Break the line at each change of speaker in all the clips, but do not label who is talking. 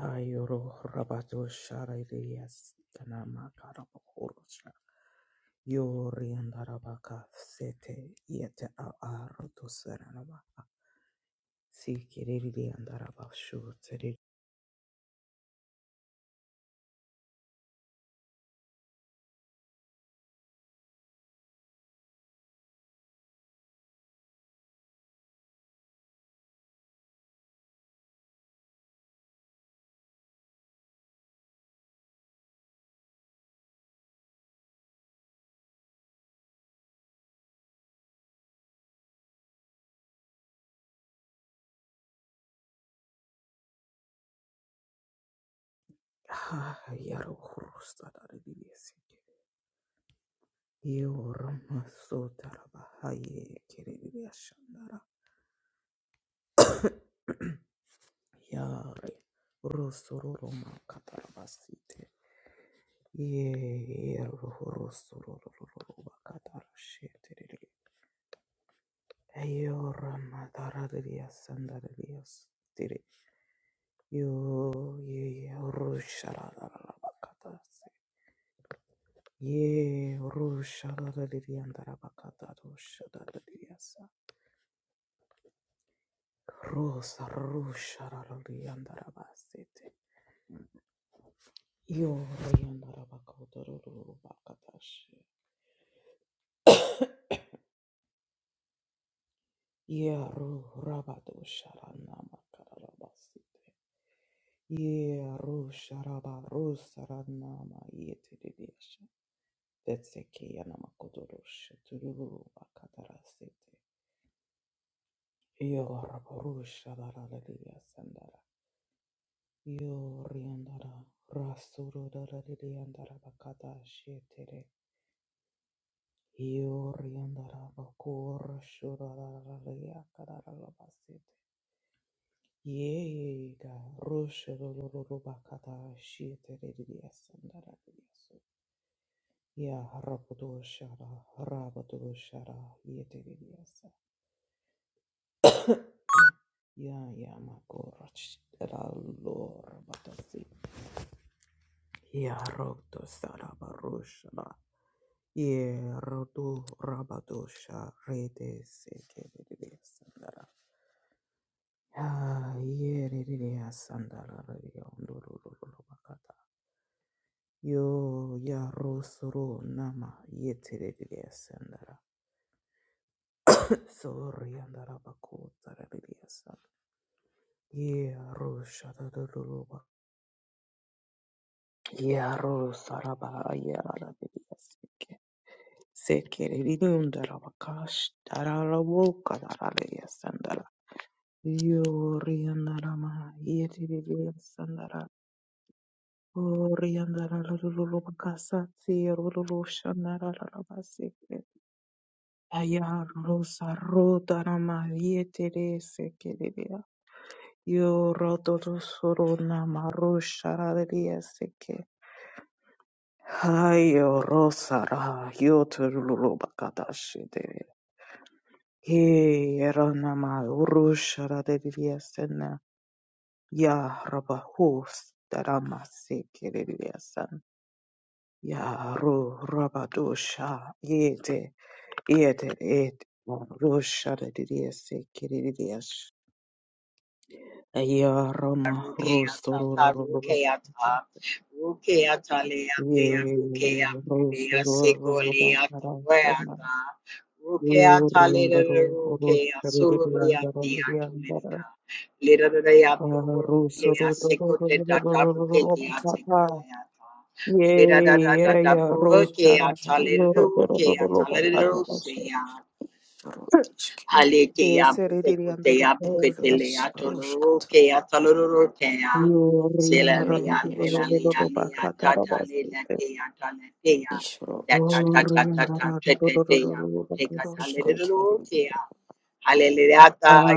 Ayoro Rabato Sharayas Tanama Karabakurusha Yori and Arabaka Sete Yete Aruto Seranaba Sikiri and Arabashu Teri Ha Yaro Hurusta Daridiesi Yorma Sotaraba Haye Kiri Shandara Yare Rosoroma Katarabasi Ye ro rabado sharana makarabasite. Yeah, rusha bakata shete Ya rabudu shara, rabudu shara, yeteridiasa. Ya ya makorach, la lor batasi. Ya roto sara barushara. Ye rotu rabadu sharete seteridiasa. Ya yeridiasa ndara yondururu bakata. Yo ya rosuru nama yeteridiasa ndara. Sorry andara bakota Yeah, Rosha da da da da ba. Yaroro saraba yarara bidiyasike. Sekere didundara bakash darara boka darara yasandara. Yoriyandara ma yeti bidiyasandara. Oriyandara lulu bakasa siyarulu shandara rabasike. Ayaroro saro darama yeti sekere diya. Yorodo suru namaro sharara diyasike. Hayo rosara yoturulubakadashide. He eranama urushara deriliasena. Ya rabahus daramasi kiriliasan. Ya ru rabadusha yete yete et rusha deriliasi kiriliash. Ya rama
Rukeata, Ta Rukeata,
rusurulubakadashide.
Rukeata
Ye
Leatea, Rukeata Lea Secoleata
rusurulubakadashide.
Reata, Rukeata Leda
Orientaro, Oro,
Rukea,
Caberete, Andara,
Soloreatea
Orientara,
Tolenica, Leda Reato
Russo,
Rukea, Secote Data Ruketia
Ishoro
Papa,
Secoleata. Leda da da da
Yea,
da
Yea, Rochara,
Rukeata Leda Rukeata
Papa,
Leda Rosea.
ishketo,
De
Halekeya
Seredi, Andoro,
butekoteya
ed es
buketelea
roshkoto,
tolorokea talorokea.
Orientara,
ere
Selalea
eshketo,
lelalea lea
Bacatara,
tata
Basite,
lelatea talatea.
ishro eshke,
Natatatatatata
Orientara,
tetetea butekata
Bacasite,
roshkoto ruia,
lelelokea. Hallelujah.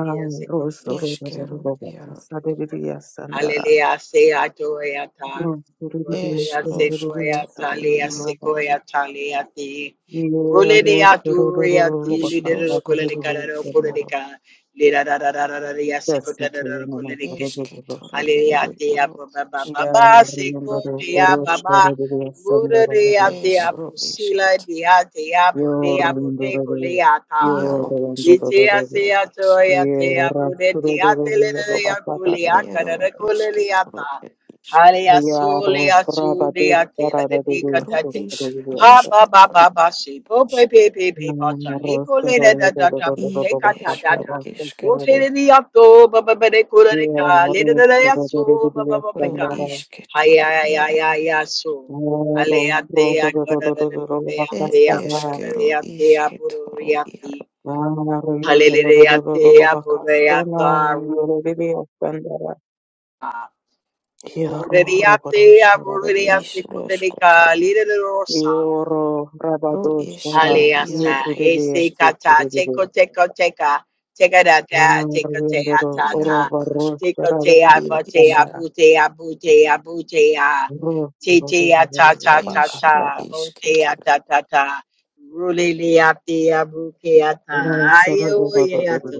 Yes,
Russo,
ekotea,
eshkero
sekotea,
iaro,
moradia.
Sandara,
Hallelujah. Sea toea ta.
No, really,
esh
yes,
Hallelujah.
really,
roshkoto
Sekoea
yes, I can
talea
ruia,
roll back
eshk,
sekoea
now.
talea te.
Yeah, roll,
Rulia
roll, roll,
turia
roll, roll
ish
back
tili de
up, up,
roshkoto
rocolerica
really, yes, really.
ruiaro,
rocolerica, lira da da da da da da
Yes, we
secota da
can, you know,
rocolerica.
really, really,
eshketo
rush, really.
Aliriatia
ruiaro,
baba
Yeah,
eshketo,
baba
remember,
secotia
rush,
baba.
really, yes, and really, yes, and
Mururiatia
eshro
busila
eshketo,
diatia
you're
bodea
remember,
bodeco
really,
leata.
you're
iaro eshk,
remember,
Ditia
really.
ed
sea
eshk,
toya
Yeah,
tea
rush,
bude
really, really, roll
diatelia
back up, up,
culia
rush,
ero
really.
eshketo ru
caracoliata.
ed ishk,
Halia
Yeah, roll,
solia
roll back,
sudia tela
up, really,
ru
yes,
de
ish
really, yes.
Pa ba ba
roshkoto,
ba ba she po pe pe pe pe pa cha le
Oro,
ko le da da da da po te
y
ka da da
esbro
da wo
isket
te re ni ya to ba ba ba de ko re ka le da da da ya so ba ba ba ba
pro
ka ha
isketoro
ya ya ya
iaro
ya ya so ale ya te ya ko da da da bo re ya te
e
ya bo da da da
eskero
ya te ya bo ro ro
isketoro
ya te
iaro
ha le le re ya te ya bo re ya ta ro re ya te ya bo re ya
is
te ko le re
roskoto
ka le re ro sa
ro
Rabado,
is ro iaro
Haleasa,
e
ese
isk
kata, teko teko teka, teka da da, teko te ata
Oro, Oro,
ta,
iaro
Barro,
teko
askoto
Sara,
te
e
aba
Rabbi,
te
isk
Sandara.
abu te abu te abu te a,
Rosaraba
te te ata ta ta
is
ta,
ro
mo te ata
isketoro
ta ta, rule le ate abu ke ata, ayo ye ata,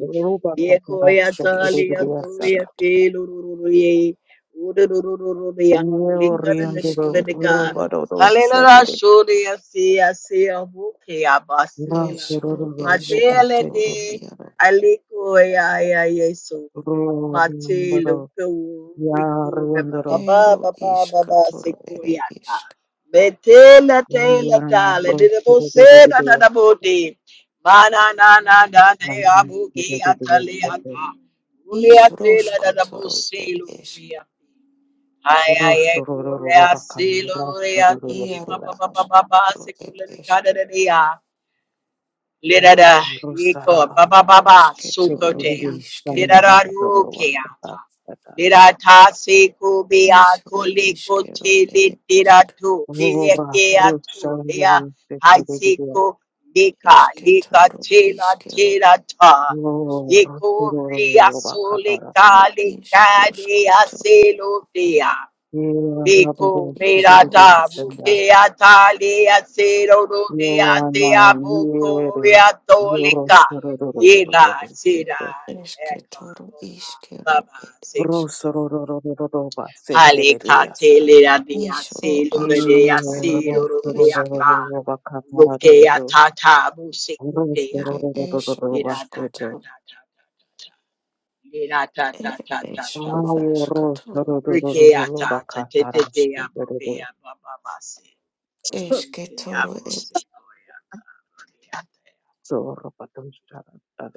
ye ko ye
ros
ata
is
le
ro
ato ye
askoto
te lururu ye, urururu ye,
ro
likada de de
iskero
kuda
iaro
Alena shuri asi asi abuke abasila.
es ro
Matele de
esketoro iaro
aliko ya ya yeso. Mate loko riko baba baba
ero
baba baba
isketoro ere
sekoya ta.
isk
Betela tela tala de de bose na na na bote. Mana na na na de abuke atale ata. Ule
is
atela da da
roskotoro
bose
ed isk
luya. Ay, ay, ay, gloria, sí, gloria, sí, ma,
Iaro
pa, pa, pa,
asko
pa, pa,
toro
se
ed
cula de
eske.
cada de día. Lira da, rico, pa, pa, pa, pa,
Eske toro
sucotea.
Tekiri
Lira
iskero.
sandara
da,
kadowa kata
ruqueata.
kata.
Lira ta, se cubia,
Isro
colico,
iskero ed
chile, lira
isk.
tu, lira
Skot.
Ora
quea tu, lira,
roshari
ay, se
tekiri.
co, lica,
Eske
lica,
toro
tela,
iskero
tela, ta.
jas.
Ora
Yeco, ria,
roshiro
sole,
bakatara.
Ed
cale,
isro
cadea,
skoto.
celotea.
Ora
Ed
rabado
Biko
isro
mirata
tekiri senda.
buke
esket.
atali asero rude
Ora
ate abuko
yere. Ora
viatolika
shiro ro ro ro ro
yela
ro
sira
sete.
Eske
eka
toro
boga
iskero
baba
ed
seko
isk.
Roso ro ro ro ro ro ro ba sete
hale
re re yasa.
katele ade
Nisro
asero rude
asko
Ora
toro
asero
ed
roso ro
rude
ro ro
eske.
ata
ro ro bakatara ro
buke
ro.
atata buseko
Roso
dea
ro
Ere
ro ro ro ro
esro
ro ba
mirata
sete.
ta
skoto.
ta ta ta ta ta mirata ta
Ed
ta ta ta
esro
Yo
ta
asko toro
Rike
isk.
atata tete te abobe abababase. Ruke
esketoro
abose koyata roriate.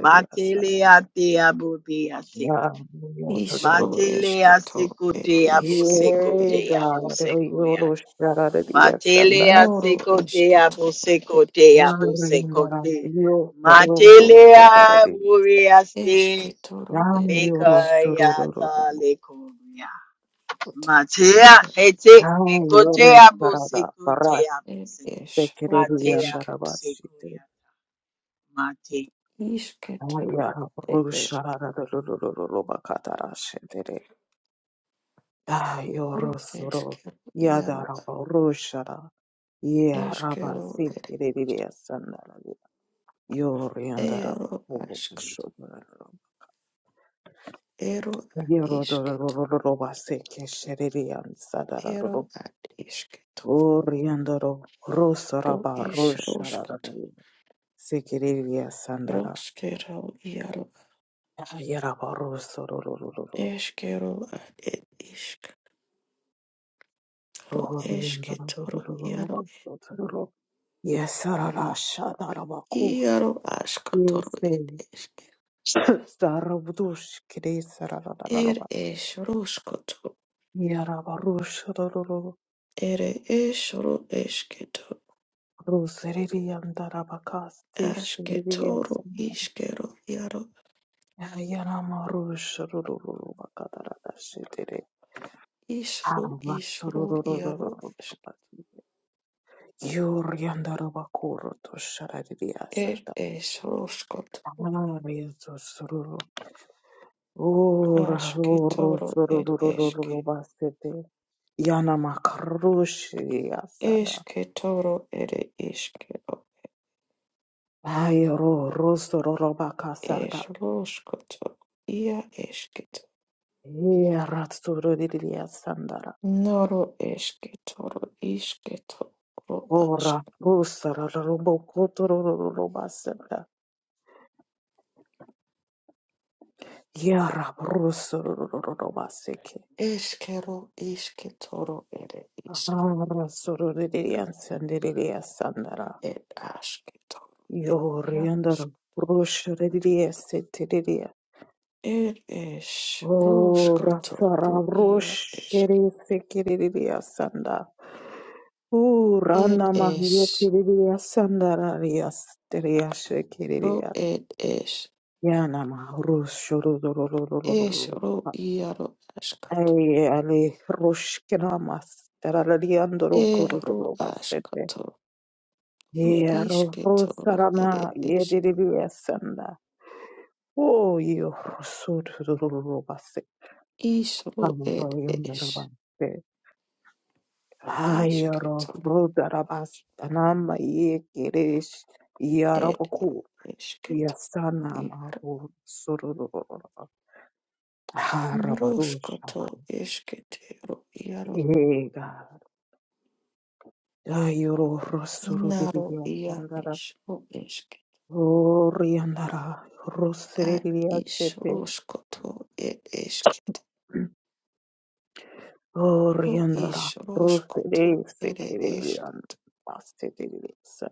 Matele ate abobe asiku.
Ishro
Matele
esketo
asiku
et
te
iskero
aboseko
et
te aboseko yata. Matele
noro
asiko te
esketoro
aboseko
et
te aboseko te. Matele abore ase.
esketoro et
Meka
isketoro
yata lekoria. Matea
iaro
hete ekotea bose kotea
et
bose.
esro
Matea
esketo
bose koya. Mate
isketoro et eskero
Ah, yorosoro
eskero iaro
yadarabo roshara ye
eskero
rabasi
et
kiririya sandara yoriandara
ero asketo
bobashobara
ero at isketo
yerodororororoba seke sheririya sadara
ero
roro
at isketo
oriandaro
ro
rosoraba roshara
isroskoto
sekiririya sandara
roskero iaro
yaraba rosororororo
eskero at et Ro eske
oriandara
toro iaro
bobashobara yesarara shadaraba kus
iaro asko toro eske
Zarabudush
er
Kirisaraba
es rosko to
Yarabarush Roro
ere es ro eske to
Roserian Darabakasti
aske toro
Shiriasan
iskero iaro
Yaramarush Rurubakadara Shitiri
isro isro iaro
Avasururu
eske
Yuriandarabakuro to
er
Sharadiasada
es rosko to
Ariasururu Ora
aske
roro
toro ed eske
sororo basete. Yana makarushi asada.
eske toro ere iskero
Ayro rosto roba
es
casata.
rosko to ia esketo
Eratsuro di lia sandara.
Noro eske toro iske toro
Ora
aske
russa robo cotoro roba sanda. Yara russo roba seke.
eskero iske toro ere iske
Arasuro di lia sandara.
et aske toro
Yo riandara.
iarosk
Ruscio di sete
et es
Oh,
rusko toro
Rasara
ia
Rosh
eske
Kere Sekiriria Sanda. Oh,
et
Rana Mahieti
es
Riria Sanda Raria Steria
ro
Shekiriria.
et es
Yana Rosh
es ro iaro askato
Ay Ali Rosh Kiramas. Terariandoro
e ro
Korobova Sete.
askato ru
Yero
iske toro ere
Rosarana
eske
Yediria Sanda. Oh, you Rosurubase.
is ro et es
Hallelujah.
iske
Ayaro
toro
rodarabas tanama ye geresh
et
yarabaku yasanama
Iaro
ho surururururu harabarusha
Roškoto iškėtėro iaro
ega ayoro
naro
rosuruririya
ia
sandara
išro iškė
oriandara
a
rosuririya
iš
sete
roškoto ir iškėtėro iš
oriandara rosere
roškoto ir iškė
sekeriyan basete dilisa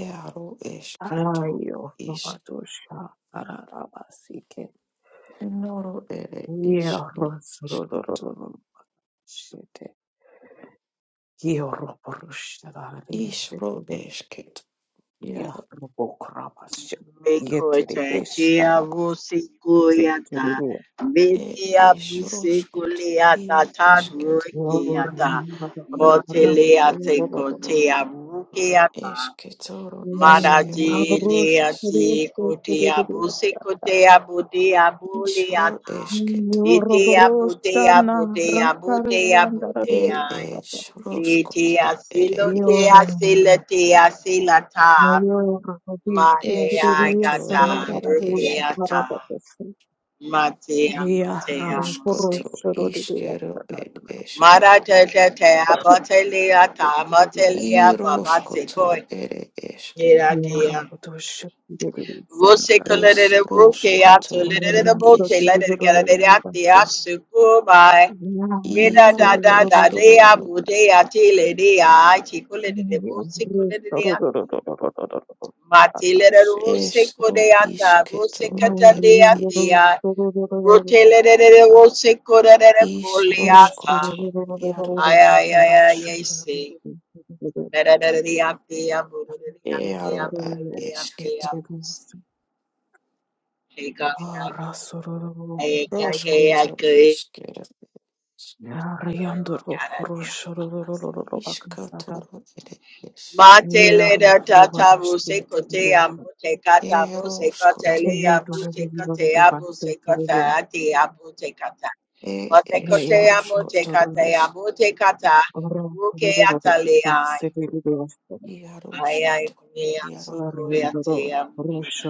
iaro iškėto
ayo
iš
robatusha ararabasike
noro ir
Yoro
išro eške išro esketo iaro
mekotea tea bose koya ta.
ir
Metea
iš
bose
roškoto
kolea
ia
ta ta
iškėto
rukea ta. Motelea te kotea rukea ta.
iškėtoro iškėro
Maraji
ir iš
liati kutia busi kutia butia
išro
buliata.
esketo
Litia butia butia butia
Er
butia.
es roskoto,
Litia
ere
silotia
isketo,
silatia silata.
Hallelujah, rabbi,
Malaya
Hallelujah,
eskotoro,
Son of
gata
er
Hallelujah,
esketo,
rukiata.
Hallelujah, Son.
Matia
Yeah,
mutia
Rabbi, Koro,
musik.
uskoto,
Shoro, Hallelujah,
iskero,
Son of
er
Hallelujah,
eske,
Marata te abatelia ta abatelia
Hallelujah,
iroskoto,
babatikoi.
ere eske,
Yeah,
Vosika
es
lelele broke ato
roskoto, er
lelele bote
isk,
lelele galere ate asuko by Yeda
rabbi,
da
iaro
da da dea
esketo,
bude ate lede a chico lelele
Mayor Rabadi Sirius rabbi, Harabuya Harabatus. Here Rabakuro rabbi, Sanana. Yarabatus Sanala. Arabia
vosiko lelele ate
Sotividabansin. rabbi,
Mate lelele
Atashiri.
es
vosiko
ro
de ata vosika
isketoro, ere
tande ate
Arabia
isk,
a Rote lelele
Sotividabansin.
vosiko lelele
is
kole
Rosso
ata
roskoto, iaro,
Ay ay ay ay ay say Lelele ate a bude ate
earo,
a
ad
bude
esketo,
ate a
roskoto, iskero. Ishkatoro ere ish.
Matele da tata buse kote amute kata buse kote
Eroshkoto.
le abute kote abuse kota ati abute kata.
E
Mate
ish
kote amute
ruskoto
kata
Ish
amute kata ruke atale ai. Ai ai
iaroshkoto.
kumi ati
Iaro
kuri ati amuya.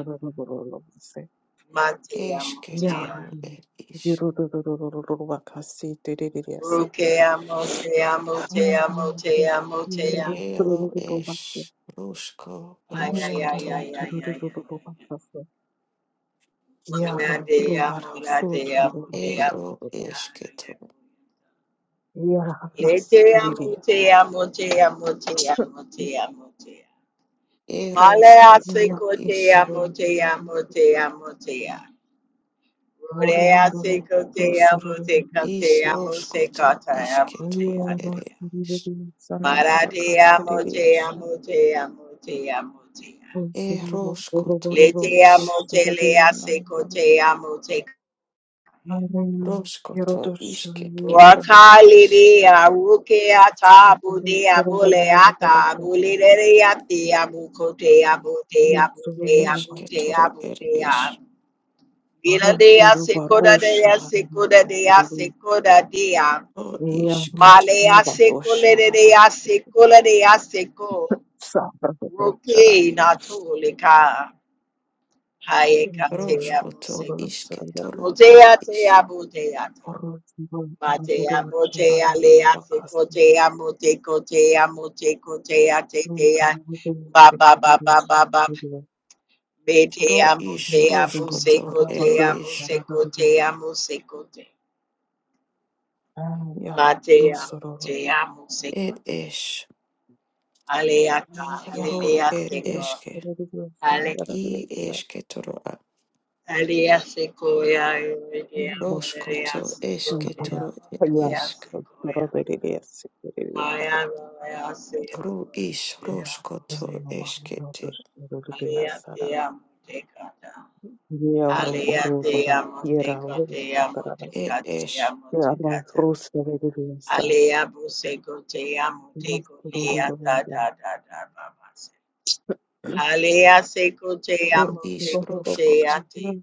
Mate amute ya.
eshketoro
Yarri,
ere ish.
yurururururubakasi, diririasa.
Ruke amute amute amute amute
Ero es
Yurururururubakasi,
rushko
Ay, ay, ay,
ruskoto
ay, ay, ay, ay, ay, ay.
yurururururubakasi. Yarro,
Ona te amo,
rubara,
la
sutu,
te amo, te
Ero
amo, te
rurururururu.
amo. Ay, ay, ay.
esketoro
Le
Yarras,
te amo,
kiriria.
te amo, te amo, te amo, te amo, te amo. Male
eroskoto
asiko
ish.
te amo, te
Yarrusururururu.
amo, te amo, te amo. Rore
Orindoro,
asiko te amo, te ka
rusururururu.
te
Ish
amo, se
roshkoto
ka te amo, te
ishketoro
amo, te
ere
amo.
ish.
Yarrusururururu,
Mara te
sanarubakasi,
amo, te
diririasa.
amo, te amo, te amo, te amo.
Rusururu,
Eroshkoto
Le
rubororo,
te
ish.
amo, te le
kishtiririana.
asiko te amo, te
Hallelujah.
Roshkoto
Yerodoshalaya
ishketoro
Sam.
ere ish.
Rakali aruke ata bude
Yerodoshalaya
abule ata
Yerodoshalaya
abulere ati abukote abute abute abute
Esketoro er
abute ab.
is.
Vila dea
Barosuru
sekoda dea
Baroshara.
sekoda dea sekoda dea.
O
Yerodoshalaya
isketo.
Malea sekole
Baroshara.
dea sekole dea seko. Roke
Sabrodoshara.
natolika. Hayeka te
Yerodoshalaya
Roskoto
amusekote.
Baroshara.
isketoro er
Amotea
is.
te
Barosuru Baroshara. Rabakasi. Yerodoshalaya
Matea
Yerodoshalaya
motea
Baroshara.
lea se
Rabakasi.
cotea mote cotea mote cotea tetea ba ba ba ba ba ba betea
Ro is
motea muse
roskoto ere
cotea
is.
muse cotea muse cotea matea
Yaro.
motea muse
Er
cotea
es.
aleata
Ay,
Ro
ara,
alelea
er
seco
eske.
Bruce,
ale
I esketoro a.
alea secoia alea alea
Roskoto
secoia
esketoro er
alea
isk.
secoia Maya Maya Se
Ro is
Raya Sia Dea Mose
roskoto eskete.
Alia Dea Motekata Alia Dea Moteko Dea
Er
Moteka Dea
es.
Motekata Alia Buseko Dea Moteko Lea Da Da Da Da Baba se Alia Seko Dea
Ro is
Moteko Dea Te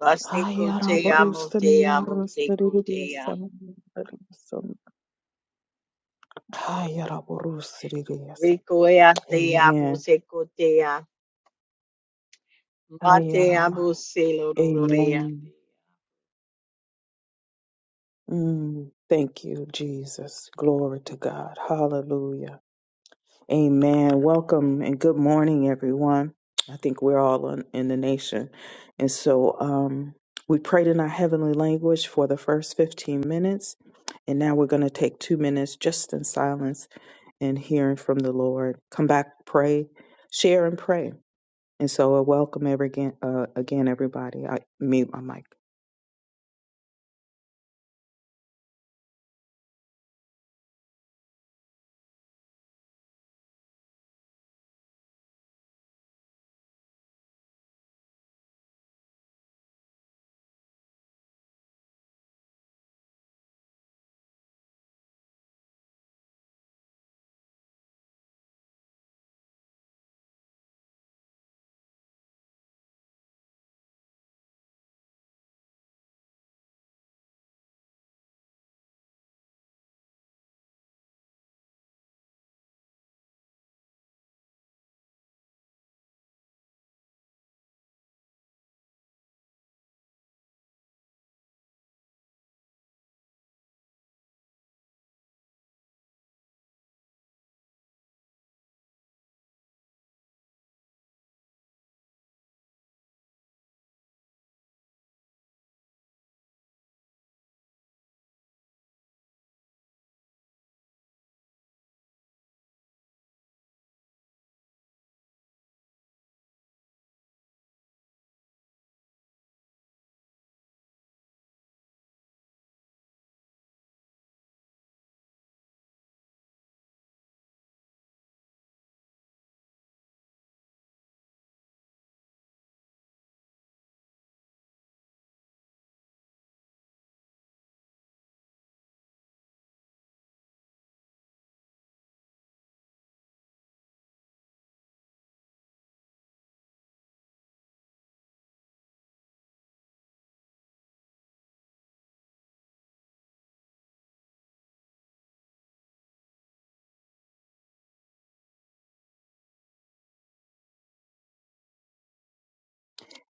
Baseko Dea
ne
Motea
yarrı, the
Moteko
bir
Dea
yasa, Ayaraborusiririasa.
Ricoea Dea
Amen.
Moseko Mate abo
Ayarama.
se lo do do de ande.
Amen. Mm, thank you, Jesus. Glory to God. Hallelujah. Amen. Welcome and good morning, everyone. I think we're all in, in the nation. And so um, we prayed in our heavenly language for the first 15 minutes. And now we're going to take two minutes just in silence and hearing from the Lord. Come back, pray, share, and pray. And so, a welcome every again, uh, again everybody. I mute my mic.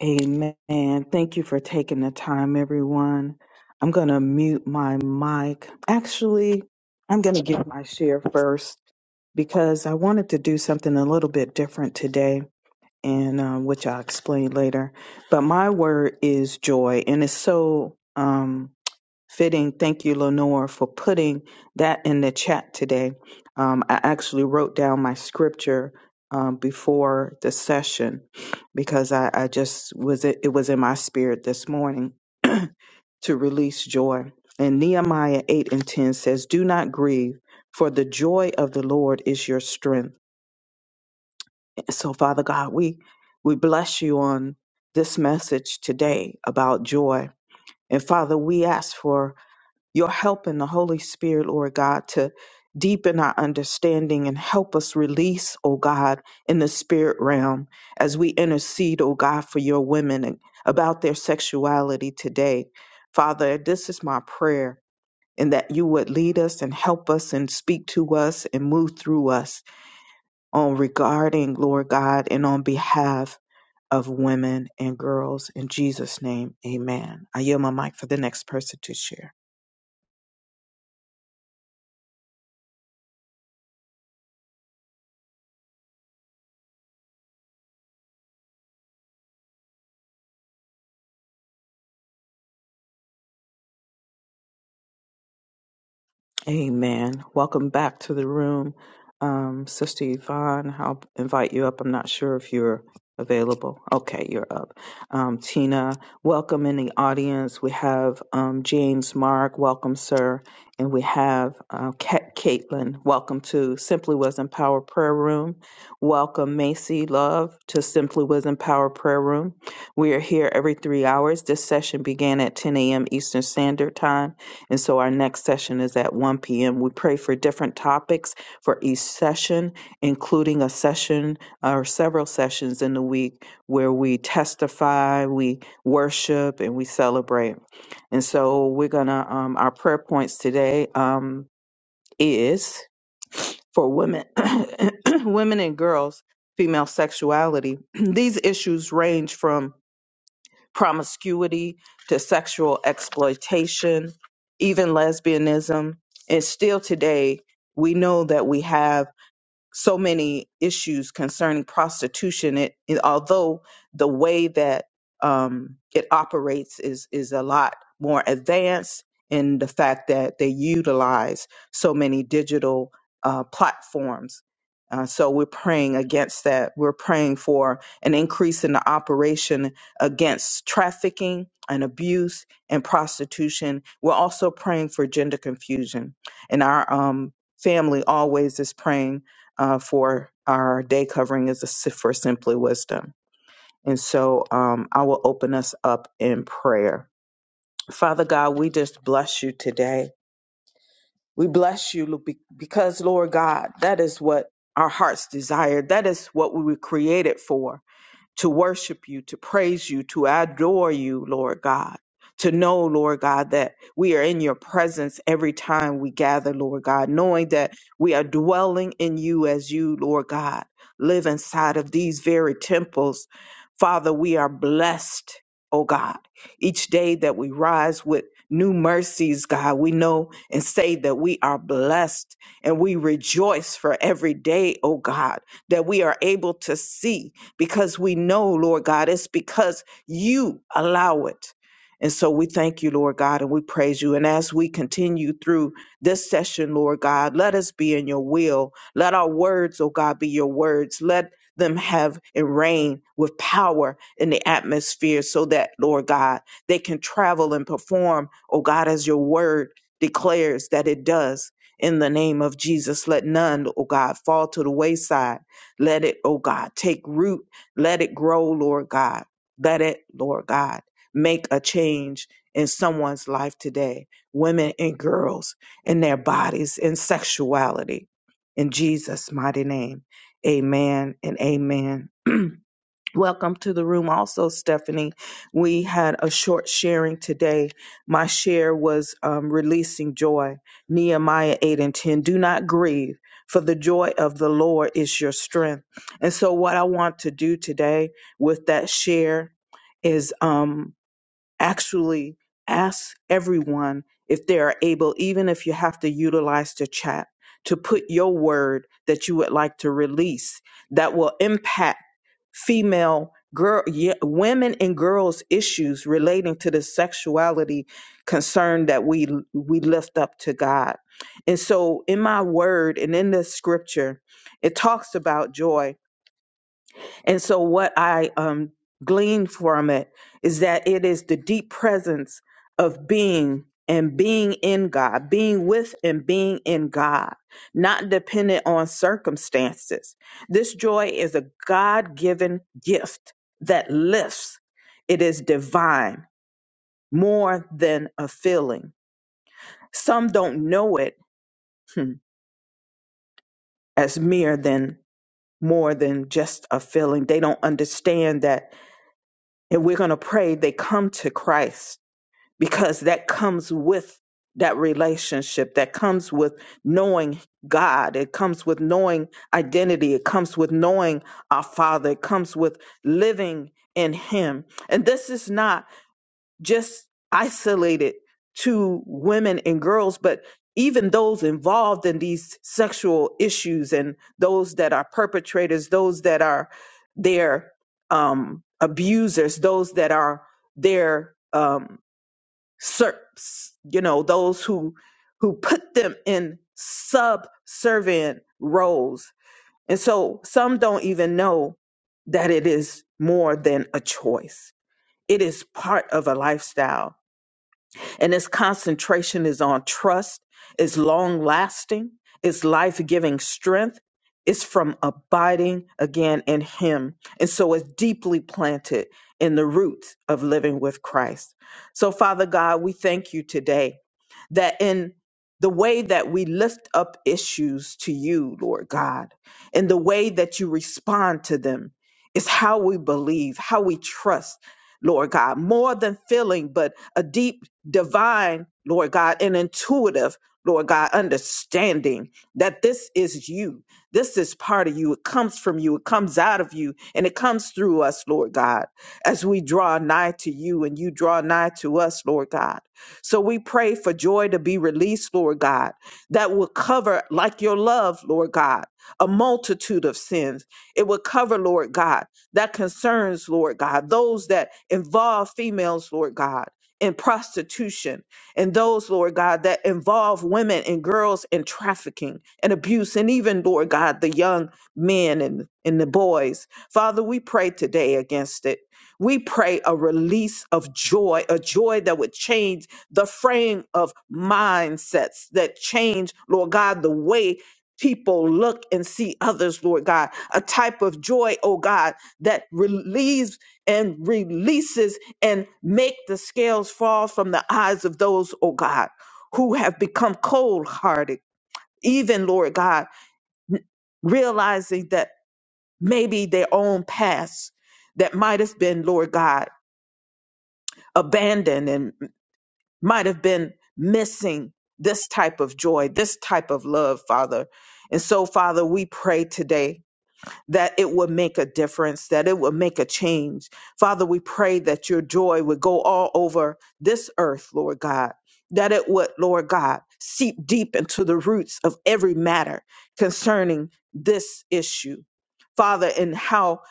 Amen. Thank you for taking the time, everyone. I'm going to mute my mic. Actually, I'm going to give my share first because I wanted to do something a little bit different today, and um, which I'll explain later. But my word is joy, and it's so. Um, fitting. Thank you, Lenore, for putting that in the chat today. Um, I actually wrote down my scripture um, before the session because I, I just was it, it was in my spirit this morning to release joy. And Nehemiah 8 and 10 says, Do not grieve, for the joy of the Lord is your strength. So, Father God, we, we bless you on this message today about joy. And Father, we ask for you're helping the Holy Spirit, Lord God, to deepen our understanding and help us release, oh God, in the spirit realm as we intercede, oh God, for your women and about their sexuality today. Father, this is my prayer. And that you would lead us and help us and speak to us and move through us on regarding, Lord God, and on behalf of women and girls. In Jesus' name, amen. I yield my mic for the next person to share. Amen. Welcome back to the room. Um, Sister Yvonne, I'll invite you up. I'm not sure if you're available. Okay, you're up. Um, Tina, welcome in the audience. We have um, James Mark, welcome, sir. And we have uh, Kat- Caitlin, welcome to Simply Wisdom Power Prayer Room. Welcome, Macy Love, to Simply Wisdom Power Prayer Room. We are here every three hours. This session began at 10 a.m. Eastern Standard Time and so our next session is at 1 p.m. We pray for different topics for each session, including a session or several sessions in the week where we testify, we worship, and we celebrate. And so we're going to, um, our prayer points today um, is for women, women and girls, female sexuality. These issues range from promiscuity to sexual exploitation, even lesbianism. And still today, we know that we have so many issues concerning prostitution. It, it although the way that um, it operates is is a lot more advanced in the fact that they utilize so many digital uh, platforms. Uh, so we're praying against that. We're praying for an increase in the operation against trafficking and abuse and prostitution. We're also praying for gender confusion, and our um, family always is praying uh, for our day covering is a si- for simply wisdom. And so um, I will open us up in prayer. Father God, we just bless you today. We bless you Lu- be- because, Lord God, that is what our hearts desire. That is what we were created for to worship you, to praise you, to adore you, Lord God. To know, Lord God, that we are in your presence every time we gather, Lord God, knowing that we are dwelling in you as you, Lord God, live inside of these very temples. Father, we are blessed, oh God. Each day that we rise with new mercies, God, we know and say that we are blessed and we rejoice for every day, oh God, that we are able to see because we know, Lord God, it's because you allow it. And so we thank you, Lord God, and we praise you. And as we continue through this session, Lord God, let us be in your will. Let our words, oh God, be your words. Let them have and reign with power in the atmosphere so that, Lord God, they can travel and perform, oh God, as your word declares that it does. In the name of Jesus, let none, oh God, fall to the wayside. Let it, oh God, take root let it grow, Lord God. Let it, Lord God, make a change in someone's life today, women and girls, in their bodies, in sexuality. In Jesus' mighty name, amen and amen. Welcome to the room, also, Stephanie. We had a short sharing today. My share was um, releasing joy. Nehemiah 8 and 10. Do not grieve, for the joy of the Lord is your strength. And so, what I want to do today with that share is um, actually ask everyone if they are able, even if you have to utilize the chat, to put your word that you would like to release that will impact female girl ye- women and girls issues relating to the sexuality concern that we we lift up to God. And so in my word and in this scripture it talks about joy and so, what I um, glean from it is that it is the deep presence of being and being in God, being with and being in God, not dependent on circumstances. This joy is a God given gift that lifts, it is divine more than a feeling. Some don't know it hmm, as mere than more than just a feeling. They don't understand that And we're going to pray they come to Christ because that comes with that relationship, that comes with knowing God, it comes with knowing identity, it comes with knowing our Father, it comes with living in Him. And this is not just isolated to women and girls, but even those involved in these sexual issues and those that are perpetrators, those that are their um, abusers, those that are their um, serps, you know, those who who put them in subservient roles. And so some don't even know that it is more than a choice. It is part of a lifestyle and its concentration is on trust, it's long lasting, it's life giving strength, it's from abiding again in Him. And so it's deeply planted in the roots of living with Christ. So, Father God, we thank you today that in the way that we lift up issues to you, Lord God, in the way that you respond to them is how we believe, how we trust Lord God, more than feeling, but a deep divine, Lord God, and intuitive, Lord God, understanding that this is you. This is part of you. It comes from you. It comes out of you. And it comes through us, Lord God, as we draw nigh to you and you draw nigh to us, Lord God. So we pray for joy to be released, Lord God, that will cover, like your love, Lord God, a multitude of sins. It will cover, Lord God that concerns, Lord God, those that involve females, Lord God, in prostitution, and those, Lord God, that involve women and girls in trafficking and abuse, and even, Lord God, the young men and, and the boys. Father, we pray today against it. We pray a release of joy, a joy that would change the frame of mindsets, that change, Lord God, the way people look and see others, Lord God. A type of joy, oh God that relieves and releases and make the scales fall from the eyes of those, oh God, who have become cold hearted, even Lord God, realizing that maybe their own past that might have been, Lord God, abandoned and might have been missing this type of joy, this type of love, Father. And so, Father, we pray today that it would make a difference, that it would make a change. Father, we pray that your joy would go all over this earth, Lord God, that it would, Lord God, seep deep into the roots of every matter concerning this issue. Father, and how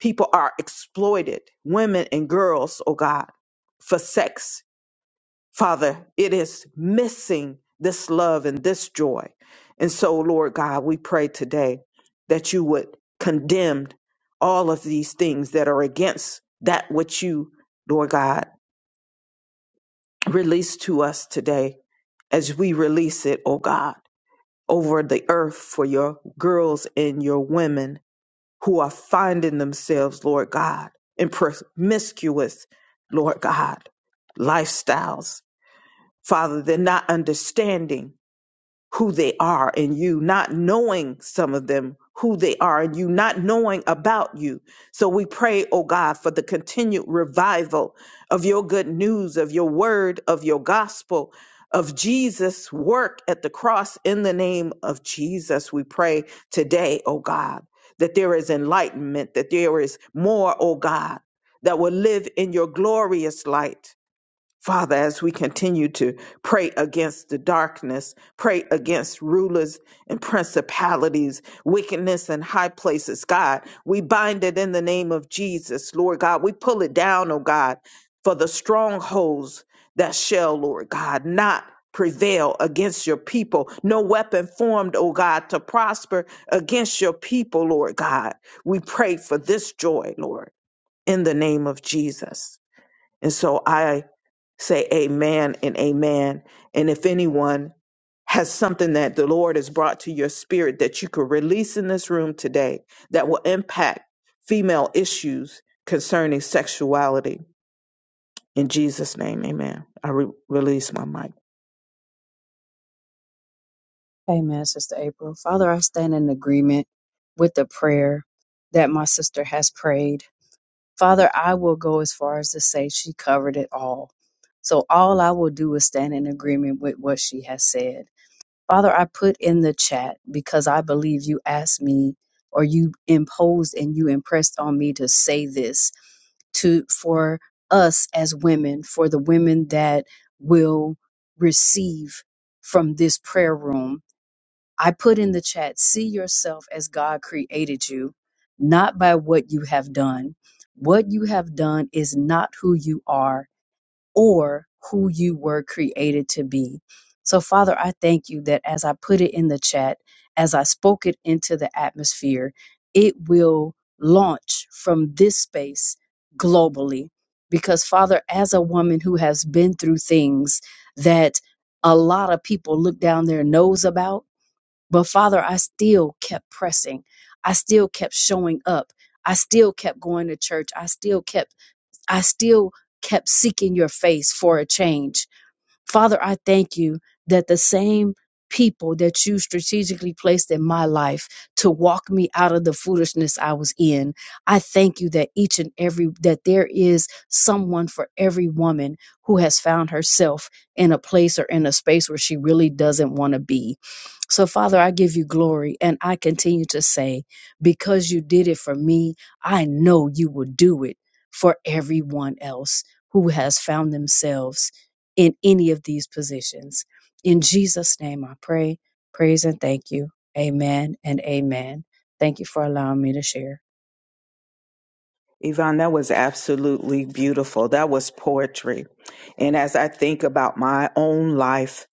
people are exploited, women and girls, oh God, for sex Father, it is missing this love and this joy. And so, Lord God, we pray today that you would condemn all of these things that are against that which you, Lord God, release to us today as we release it, oh God, over the earth for your girls and your women who are finding themselves, Lord God, in promiscuous, Lord God, lifestyles. Father, they're not understanding who they are in you, not knowing some of them who they are in you, not knowing about you. So we pray, oh God, for the continued revival of your good news, of your word, of your gospel, of Jesus' work at the cross in the name of Jesus. We pray today, oh God, that there is enlightenment, that there is more, oh God, that will live in your glorious light Father, as we continue to pray against the darkness, pray against rulers and principalities, wickedness in high places, God, we bind it in the name of Jesus, Lord God. We pull it down, oh God, for the strongholds that shall, Lord God, not prevail against your people. No weapon formed, oh God, to prosper against your people, Lord God. We pray for this joy, Lord, in the name of Jesus. And so I say amen and amen. And if anyone has something that the Lord has brought to your spirit that you could release in this room today that will impact female issues concerning sexuality, in Jesus' name, amen. I re- release my mic.
Amen, Sister April. Father, I stand in agreement with the prayer that my sister has prayed. Father, I will go as far as to say she covered it all. So all I will do is stand in agreement with what she has said. Father, I put in the chat because I believe you asked me or you imposed and you impressed on me to say this to for us as women, for the women that will receive from this prayer room I put in the chat, see yourself as God created you, not by what you have done. What you have done is not who you are or who you were created to be. So, Father, I thank you that as I put it in the chat, as I spoke it into the atmosphere, it will launch from this space globally. Because, Father, as a woman who has been through things that a lot of people look down their nose about, but Father, I still kept pressing. I still kept showing up. I still kept going to church. I still kept, I still kept seeking your face for a change Father, I thank you that the same people that you strategically placed in my life to walk me out of the foolishness I was in. I thank you that each and every that there is someone for every woman who has found herself in a place or in a space where she really doesn't want to be. So, Father, I give you glory and I continue to say, because you did it for me, I know you will do it for everyone else who has found themselves in any of these positions. In Jesus' name, I pray, praise, and thank you. Amen and amen. Thank you for allowing me to share.
Yvonne, that was absolutely beautiful. That was poetry. And as I think about my own life,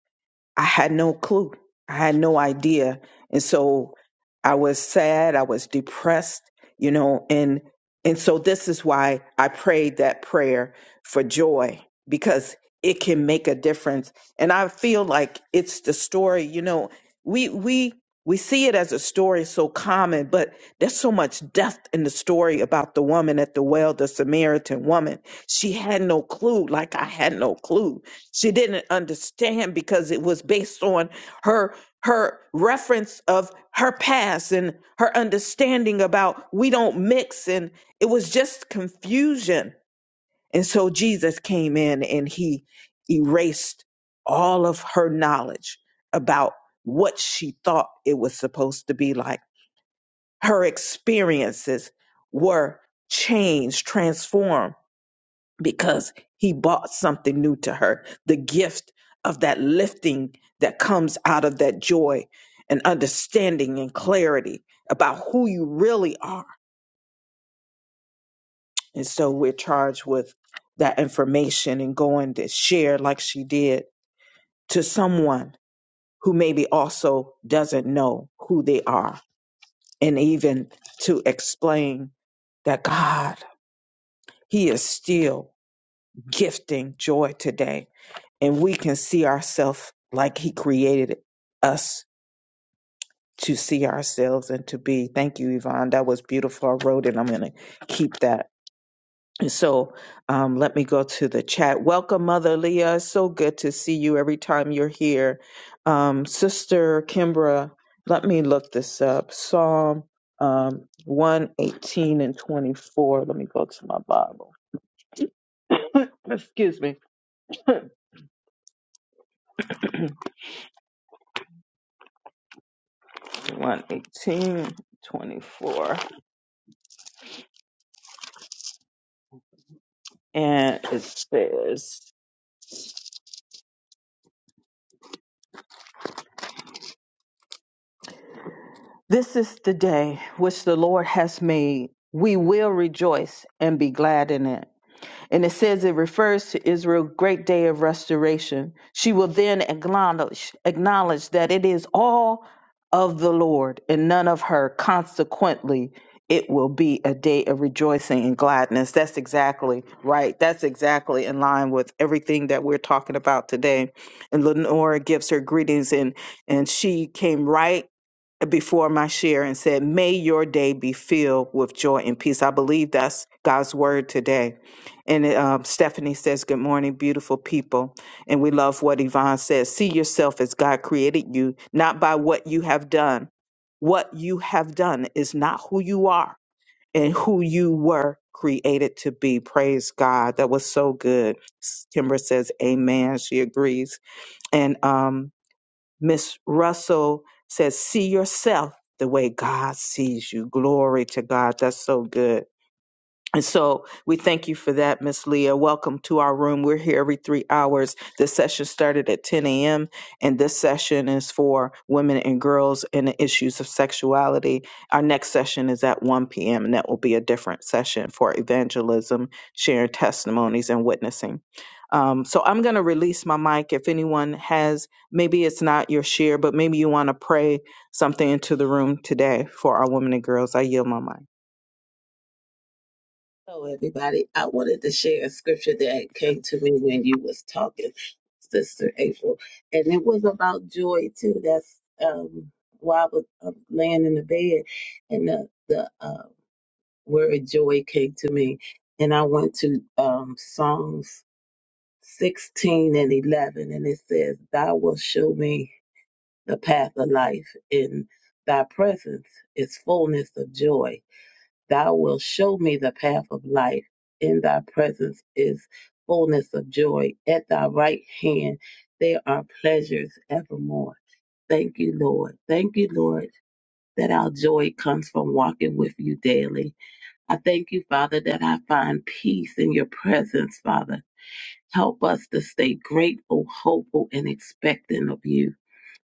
I had no clue. I had no idea. And so I was sad, I was depressed, you know, and and so this is why I prayed that prayer for joy because it can make a difference. And I feel like it's the story, you know, we we we see it as a story so common, but there's so much depth in the story about the woman at the well, the Samaritan woman. She had no clue, like I had no clue she didn't understand because it was based on her her reference of her past and her understanding about we don't mix and it was just confusion and so jesus came in and he erased all of her knowledge about what she thought it was supposed to be like her experiences were changed transformed because he bought something new to her the gift of that lifting that comes out of that joy and understanding and clarity about who you really are and so we're charged with that information and going to share like she did to someone who maybe also doesn't know who they are and even to explain that god he is still gifting joy today and we can see ourselves like he created us to see ourselves and to be. Thank you, Yvonne. That was beautiful. I wrote it. I'm going to keep that. And so um, let me go to the chat. Welcome, Mother Leah. So good to see you every time you're here. Um, Sister Kimbra, let me look this up. Psalm um, 118 and 24. Let me go to my Bible. Excuse me. One eighteen twenty four. And it says, This is the day which the Lord has made. We will rejoice and be glad in it. And it says it refers to Israel's great day of restoration. She will then acknowledge, acknowledge that it is all of the Lord and none of her. Consequently, it will be a day of rejoicing and gladness. That's exactly right. That's exactly in line with everything that we're talking about today. And Lenora gives her greetings, and and she came right before my share and said, May your day be filled with joy and peace. I believe that's God's word today. And um, Stephanie says, Good morning, beautiful people. And we love what Yvonne says. See yourself as God created you, not by what you have done. What you have done is not who you are and who you were created to be. Praise God. That was so good. Kimber says, Amen. She agrees. And um, Miss Russell says, see yourself the way God sees you. Glory to God. That's so good. And so we thank you for that, Miss Leah. Welcome to our room. We're here every three hours. This session started at 10 a.m. and this session is for women and girls and the issues of sexuality. Our next session is at 1 p.m. and that will be a different session for evangelism, sharing testimonies and witnessing. Um, so I'm going to release my mic. If anyone has, maybe it's not your share, but maybe you want to pray something into the room today for our women and girls. I yield my mic.
Hello, everybody. I wanted to share a scripture that came to me when you was talking, Sister April, and it was about joy too. That's um, why I was um, laying in the bed, and the the uh, word joy came to me, and I went to um, Psalms sixteen and eleven, and it says, "Thou wilt show me the path of life, in Thy presence is fullness of joy." Thou wilt show me the path of life. In thy presence is fullness of joy. At thy right hand there are pleasures evermore. Thank you, Lord. Thank you, Lord, that our joy comes from walking with you daily. I thank you, Father, that I find peace in your presence, Father. Help us to stay grateful, hopeful, and expectant of you.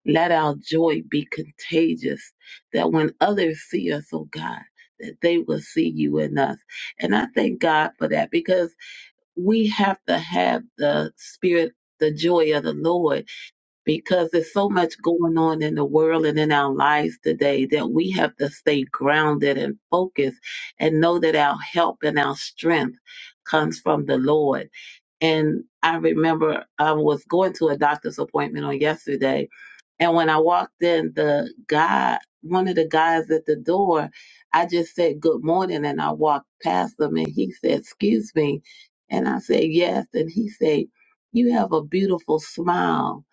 Let our joy be contagious, that when others see us, oh God, that they will see you in us. And I thank God for that because we have to have the spirit, the joy of the Lord, because there's so much going on in the world and in our lives today that we have to stay grounded and focused and know that our help and our strength comes from the Lord. And I remember I was going to a doctor's appointment on yesterday and when I walked in, the guy, one of the guys at the door, I just said good morning and I walked past him and he said, Excuse me. And I said, Yes. And he said, You have a beautiful smile.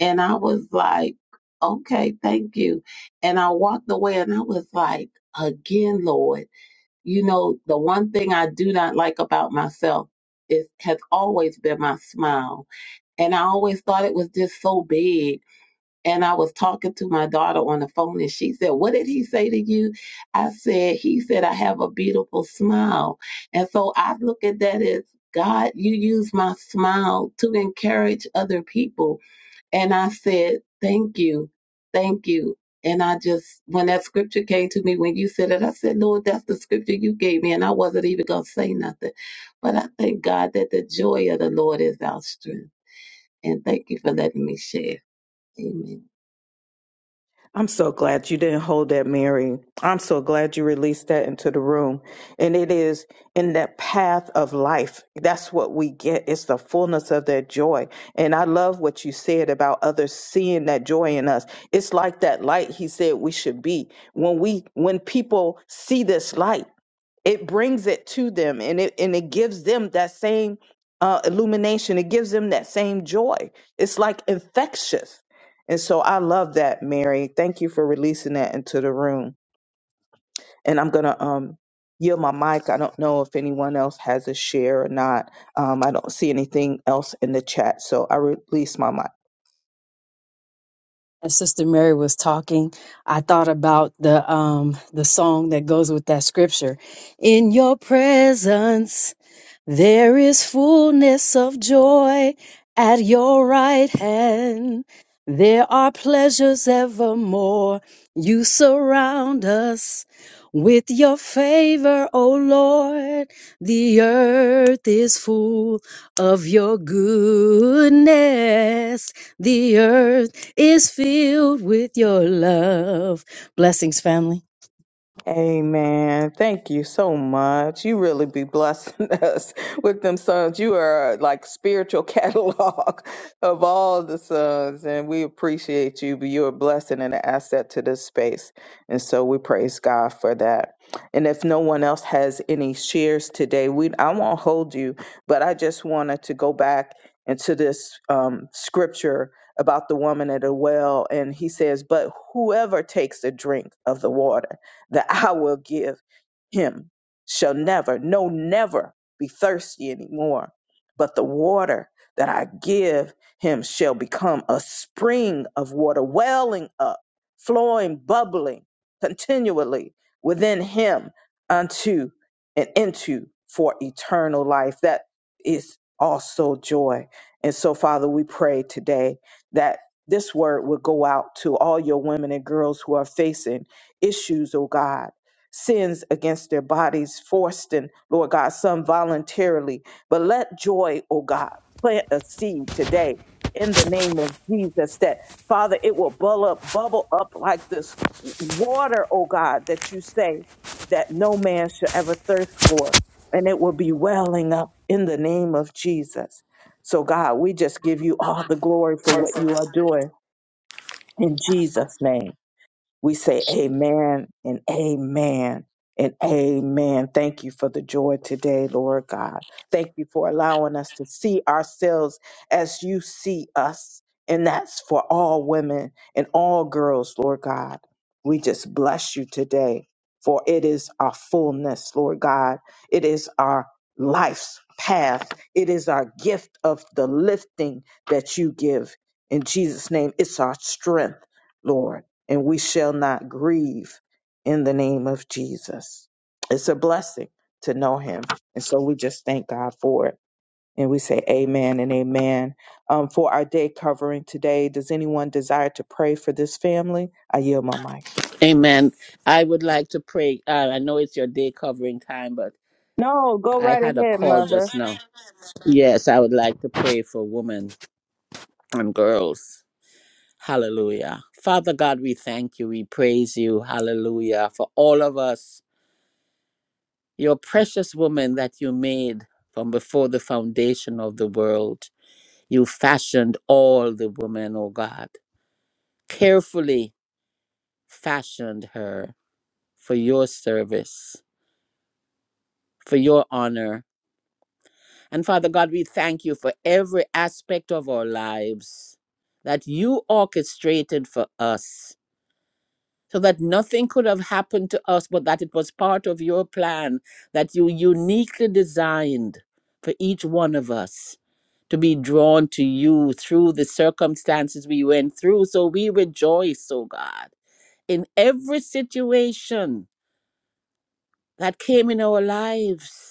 And I was like, Okay, thank you. And I walked away and I was like, Again, Lord, you know, the one thing I do not like about myself is has always been my smile. And I always thought it was just so big and I was talking to my daughter on the phone, and she said, What did he say to you? I said, He said, I have a beautiful smile. And so I look at that as God, you use my smile to encourage other people. And I said, Thank you. Thank you. And I just, when that scripture came to me, when you said it, I said, Lord, that's the scripture you gave me. And I wasn't even going to say nothing. But I thank God that the joy of the Lord is our strength. And thank you for letting me share. Amen.
I'm so glad you didn't hold that, Mary. I'm so glad you released that into the room. And it is in that path of life. That's what we get. It's the fullness of that joy. And I love what you said about others seeing that joy in us. It's like that light he said we should be. When we when people see this light, it brings it to them and it and it gives them that same uh, illumination it gives them that same joy it's like infectious and so i love that mary thank you for releasing that into the room and i'm gonna um yield my mic i don't know if anyone else has a share or not um, i don't see anything else in the chat so i release my mic
As Sister Mary was talking, I thought about the um the song that goes with that scripture. In your presence. There is fullness of joy at your right hand. There are pleasures evermore. You surround us with your favor, O Lord. The earth is full of your goodness. The earth is filled with your love. Blessings, family.
Amen. Thank you so much. You really be blessing us with them sons. You are uh, like spiritual catalog of all the sons, and we appreciate you. But you're a blessing and an asset to this space, and so we praise God for that. And if no one else has any shares today, we I won't hold you, but I just wanted to go back into this um, scripture about the woman at the well, and he says, "But whoever takes a drink of the water." that I will give him shall never, no, never be thirsty anymore. But the water that I give him shall become a spring of water, welling up, flowing, bubbling continually within him unto and into for eternal life. That is also joy. And so, Father, we pray today that this word will go out to all your women and girls who are facing issues, oh God. Sins against their bodies, forced and Lord God, some voluntarily. But let joy, oh God, plant a seed today in the name of Jesus that, Father, it will bubble up, bubble up like this water, oh God, that you say that no man should ever thirst for. And it will be welling up in the name of Jesus. So, God, we just give you all the glory for what you are doing in Jesus' name. We say amen and amen and amen. Thank you for the joy today, Lord God. Thank you for allowing us to see ourselves as you see us. And that's for all women and all girls, Lord God. We just bless you today, for it is our fullness, Lord God. It is our life's path. It is our gift of the lifting that you give. In Jesus' name, it's our strength, Lord and we shall not grieve in the name of Jesus. It's a blessing to know him. And so we just thank God for it. And we say amen and amen. Um, for our day covering today, does anyone desire to pray for this family? I yield my mic.
Amen. I would like to pray. Uh, I know it's your day covering time, but
No, go
I
right
had a
ahead,
call
mother.
just now. Yes, I would like to pray for women and girls. Hallelujah. Father God, we thank you. We praise you. Hallelujah. For all of us, your precious woman that you made from before the foundation of the world. You fashioned all the women, oh God, carefully fashioned her for your service, for your honor And Father God, we thank you for every aspect of our lives that you orchestrated for us so that nothing could have happened to us, but that it was part of your plan that you uniquely designed for each one of us to be drawn to you through the circumstances we went through. So we rejoice, oh God, in every situation that came in our lives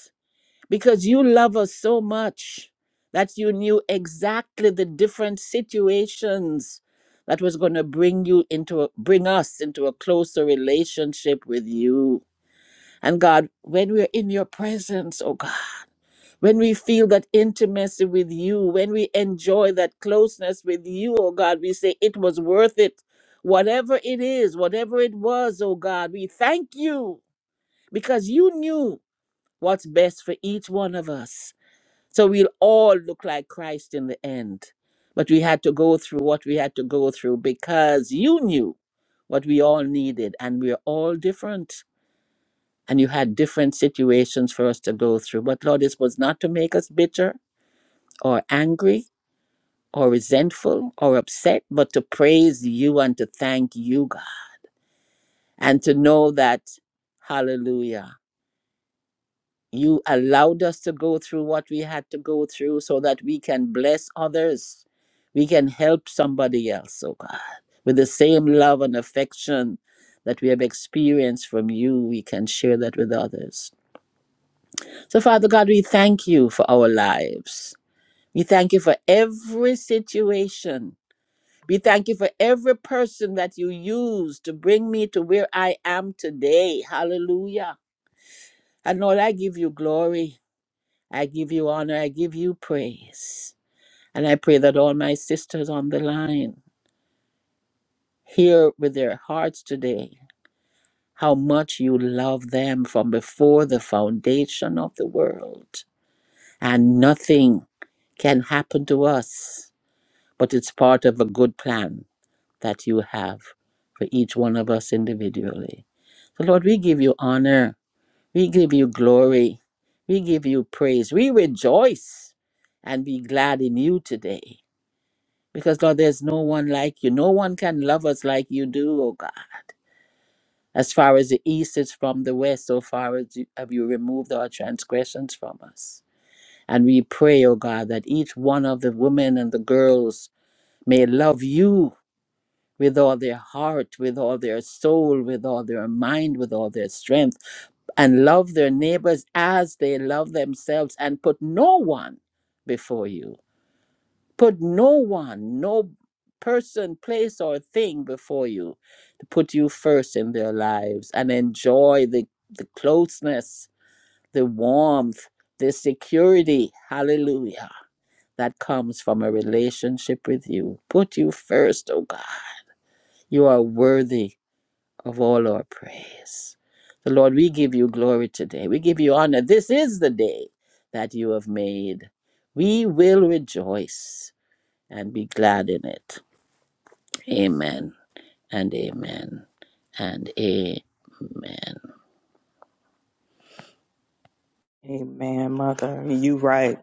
because you love us so much that you knew exactly the different situations that was going to bring you into a, bring us into a closer relationship with you and god when we're in your presence oh god when we feel that intimacy with you when we enjoy that closeness with you oh god we say it was worth it whatever it is whatever it was oh god we thank you because you knew what's best for each one of us so we'll all look like Christ in the end. But we had to go through what we had to go through because you knew what we all needed, and we're all different. And you had different situations for us to go through. But Lord, this was not to make us bitter or angry or resentful or upset, but to praise you and to thank you, God, and to know that, hallelujah. you allowed us to go through what we had to go through so that we can bless others. We can help somebody else, oh God. With the same love and affection that we have experienced from you, we can share that with others. So, Father God, we thank you for our lives. We thank you for every situation. We thank you for every person that you used to bring me to where I am today. Hallelujah. And Lord, I give you glory. I give you honor. I give you praise. And I pray that all my sisters on the line hear with their hearts today how much you love them from before the foundation of the world. And nothing can happen to us, but it's part of a good plan that you have for each one of us individually. So, Lord, we give you honor We give you glory. We give you praise. We rejoice and be glad in you today. Because, Lord, there's no one like you. No one can love us like you do, O God. As far as the east is from the west, so far as you, have you removed our transgressions from us. And we pray, O God, that each one of the women and the girls may love you with all their heart, with all their soul, with all their mind, with all their strength, and love their neighbors as they love themselves, and put no one before you. Put no one, no person, place, or thing before you to put you first in their lives and enjoy the, the closeness, the warmth, the security. Hallelujah. That comes from a relationship with you. Put you first, oh God. You are worthy of all our praise. So, Lord, we give you glory today. We give you honor. This is the day that you have made. We will rejoice and be glad in it. Amen and amen and amen.
Amen, mother. You right.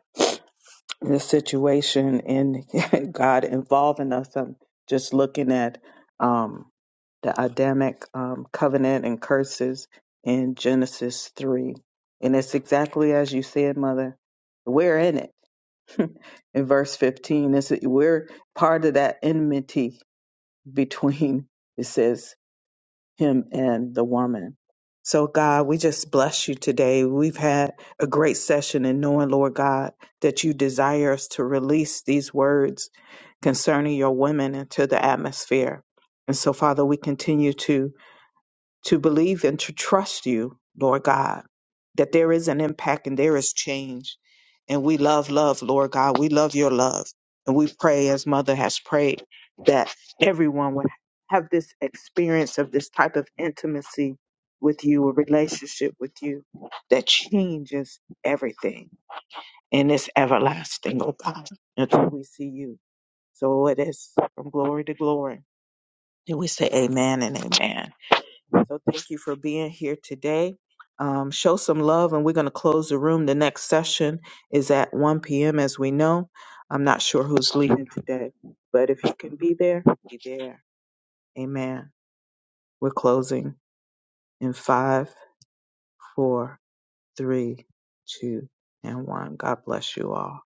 this situation and God involving us. I'm just looking at um, the Adamic um, covenant and curses in Genesis 3. And it's exactly as you said, Mother. We're in it. in verse 15, it's, we're part of that enmity between, it says, him and the woman. So, God, we just bless you today. We've had a great session in knowing, Lord God, that you desire us to release these words concerning your women into the atmosphere. And so, Father, we continue to to believe and to trust you, Lord God, that there is an impact and there is change. And we love love, Lord God. We love your love. And we pray, as Mother has prayed, that everyone would have this experience of this type of intimacy with you, a relationship with you that changes everything and is everlasting, oh God, until we see you. So it is from glory to glory. And we say amen and amen. So thank you for being here today. Um, show some love, and we're going to close the room. The next session is at 1 p.m. As we know, I'm not sure who's leaving today, but if you can be there, be there. Amen. We're closing in five, four, three, two, and one. God bless you all.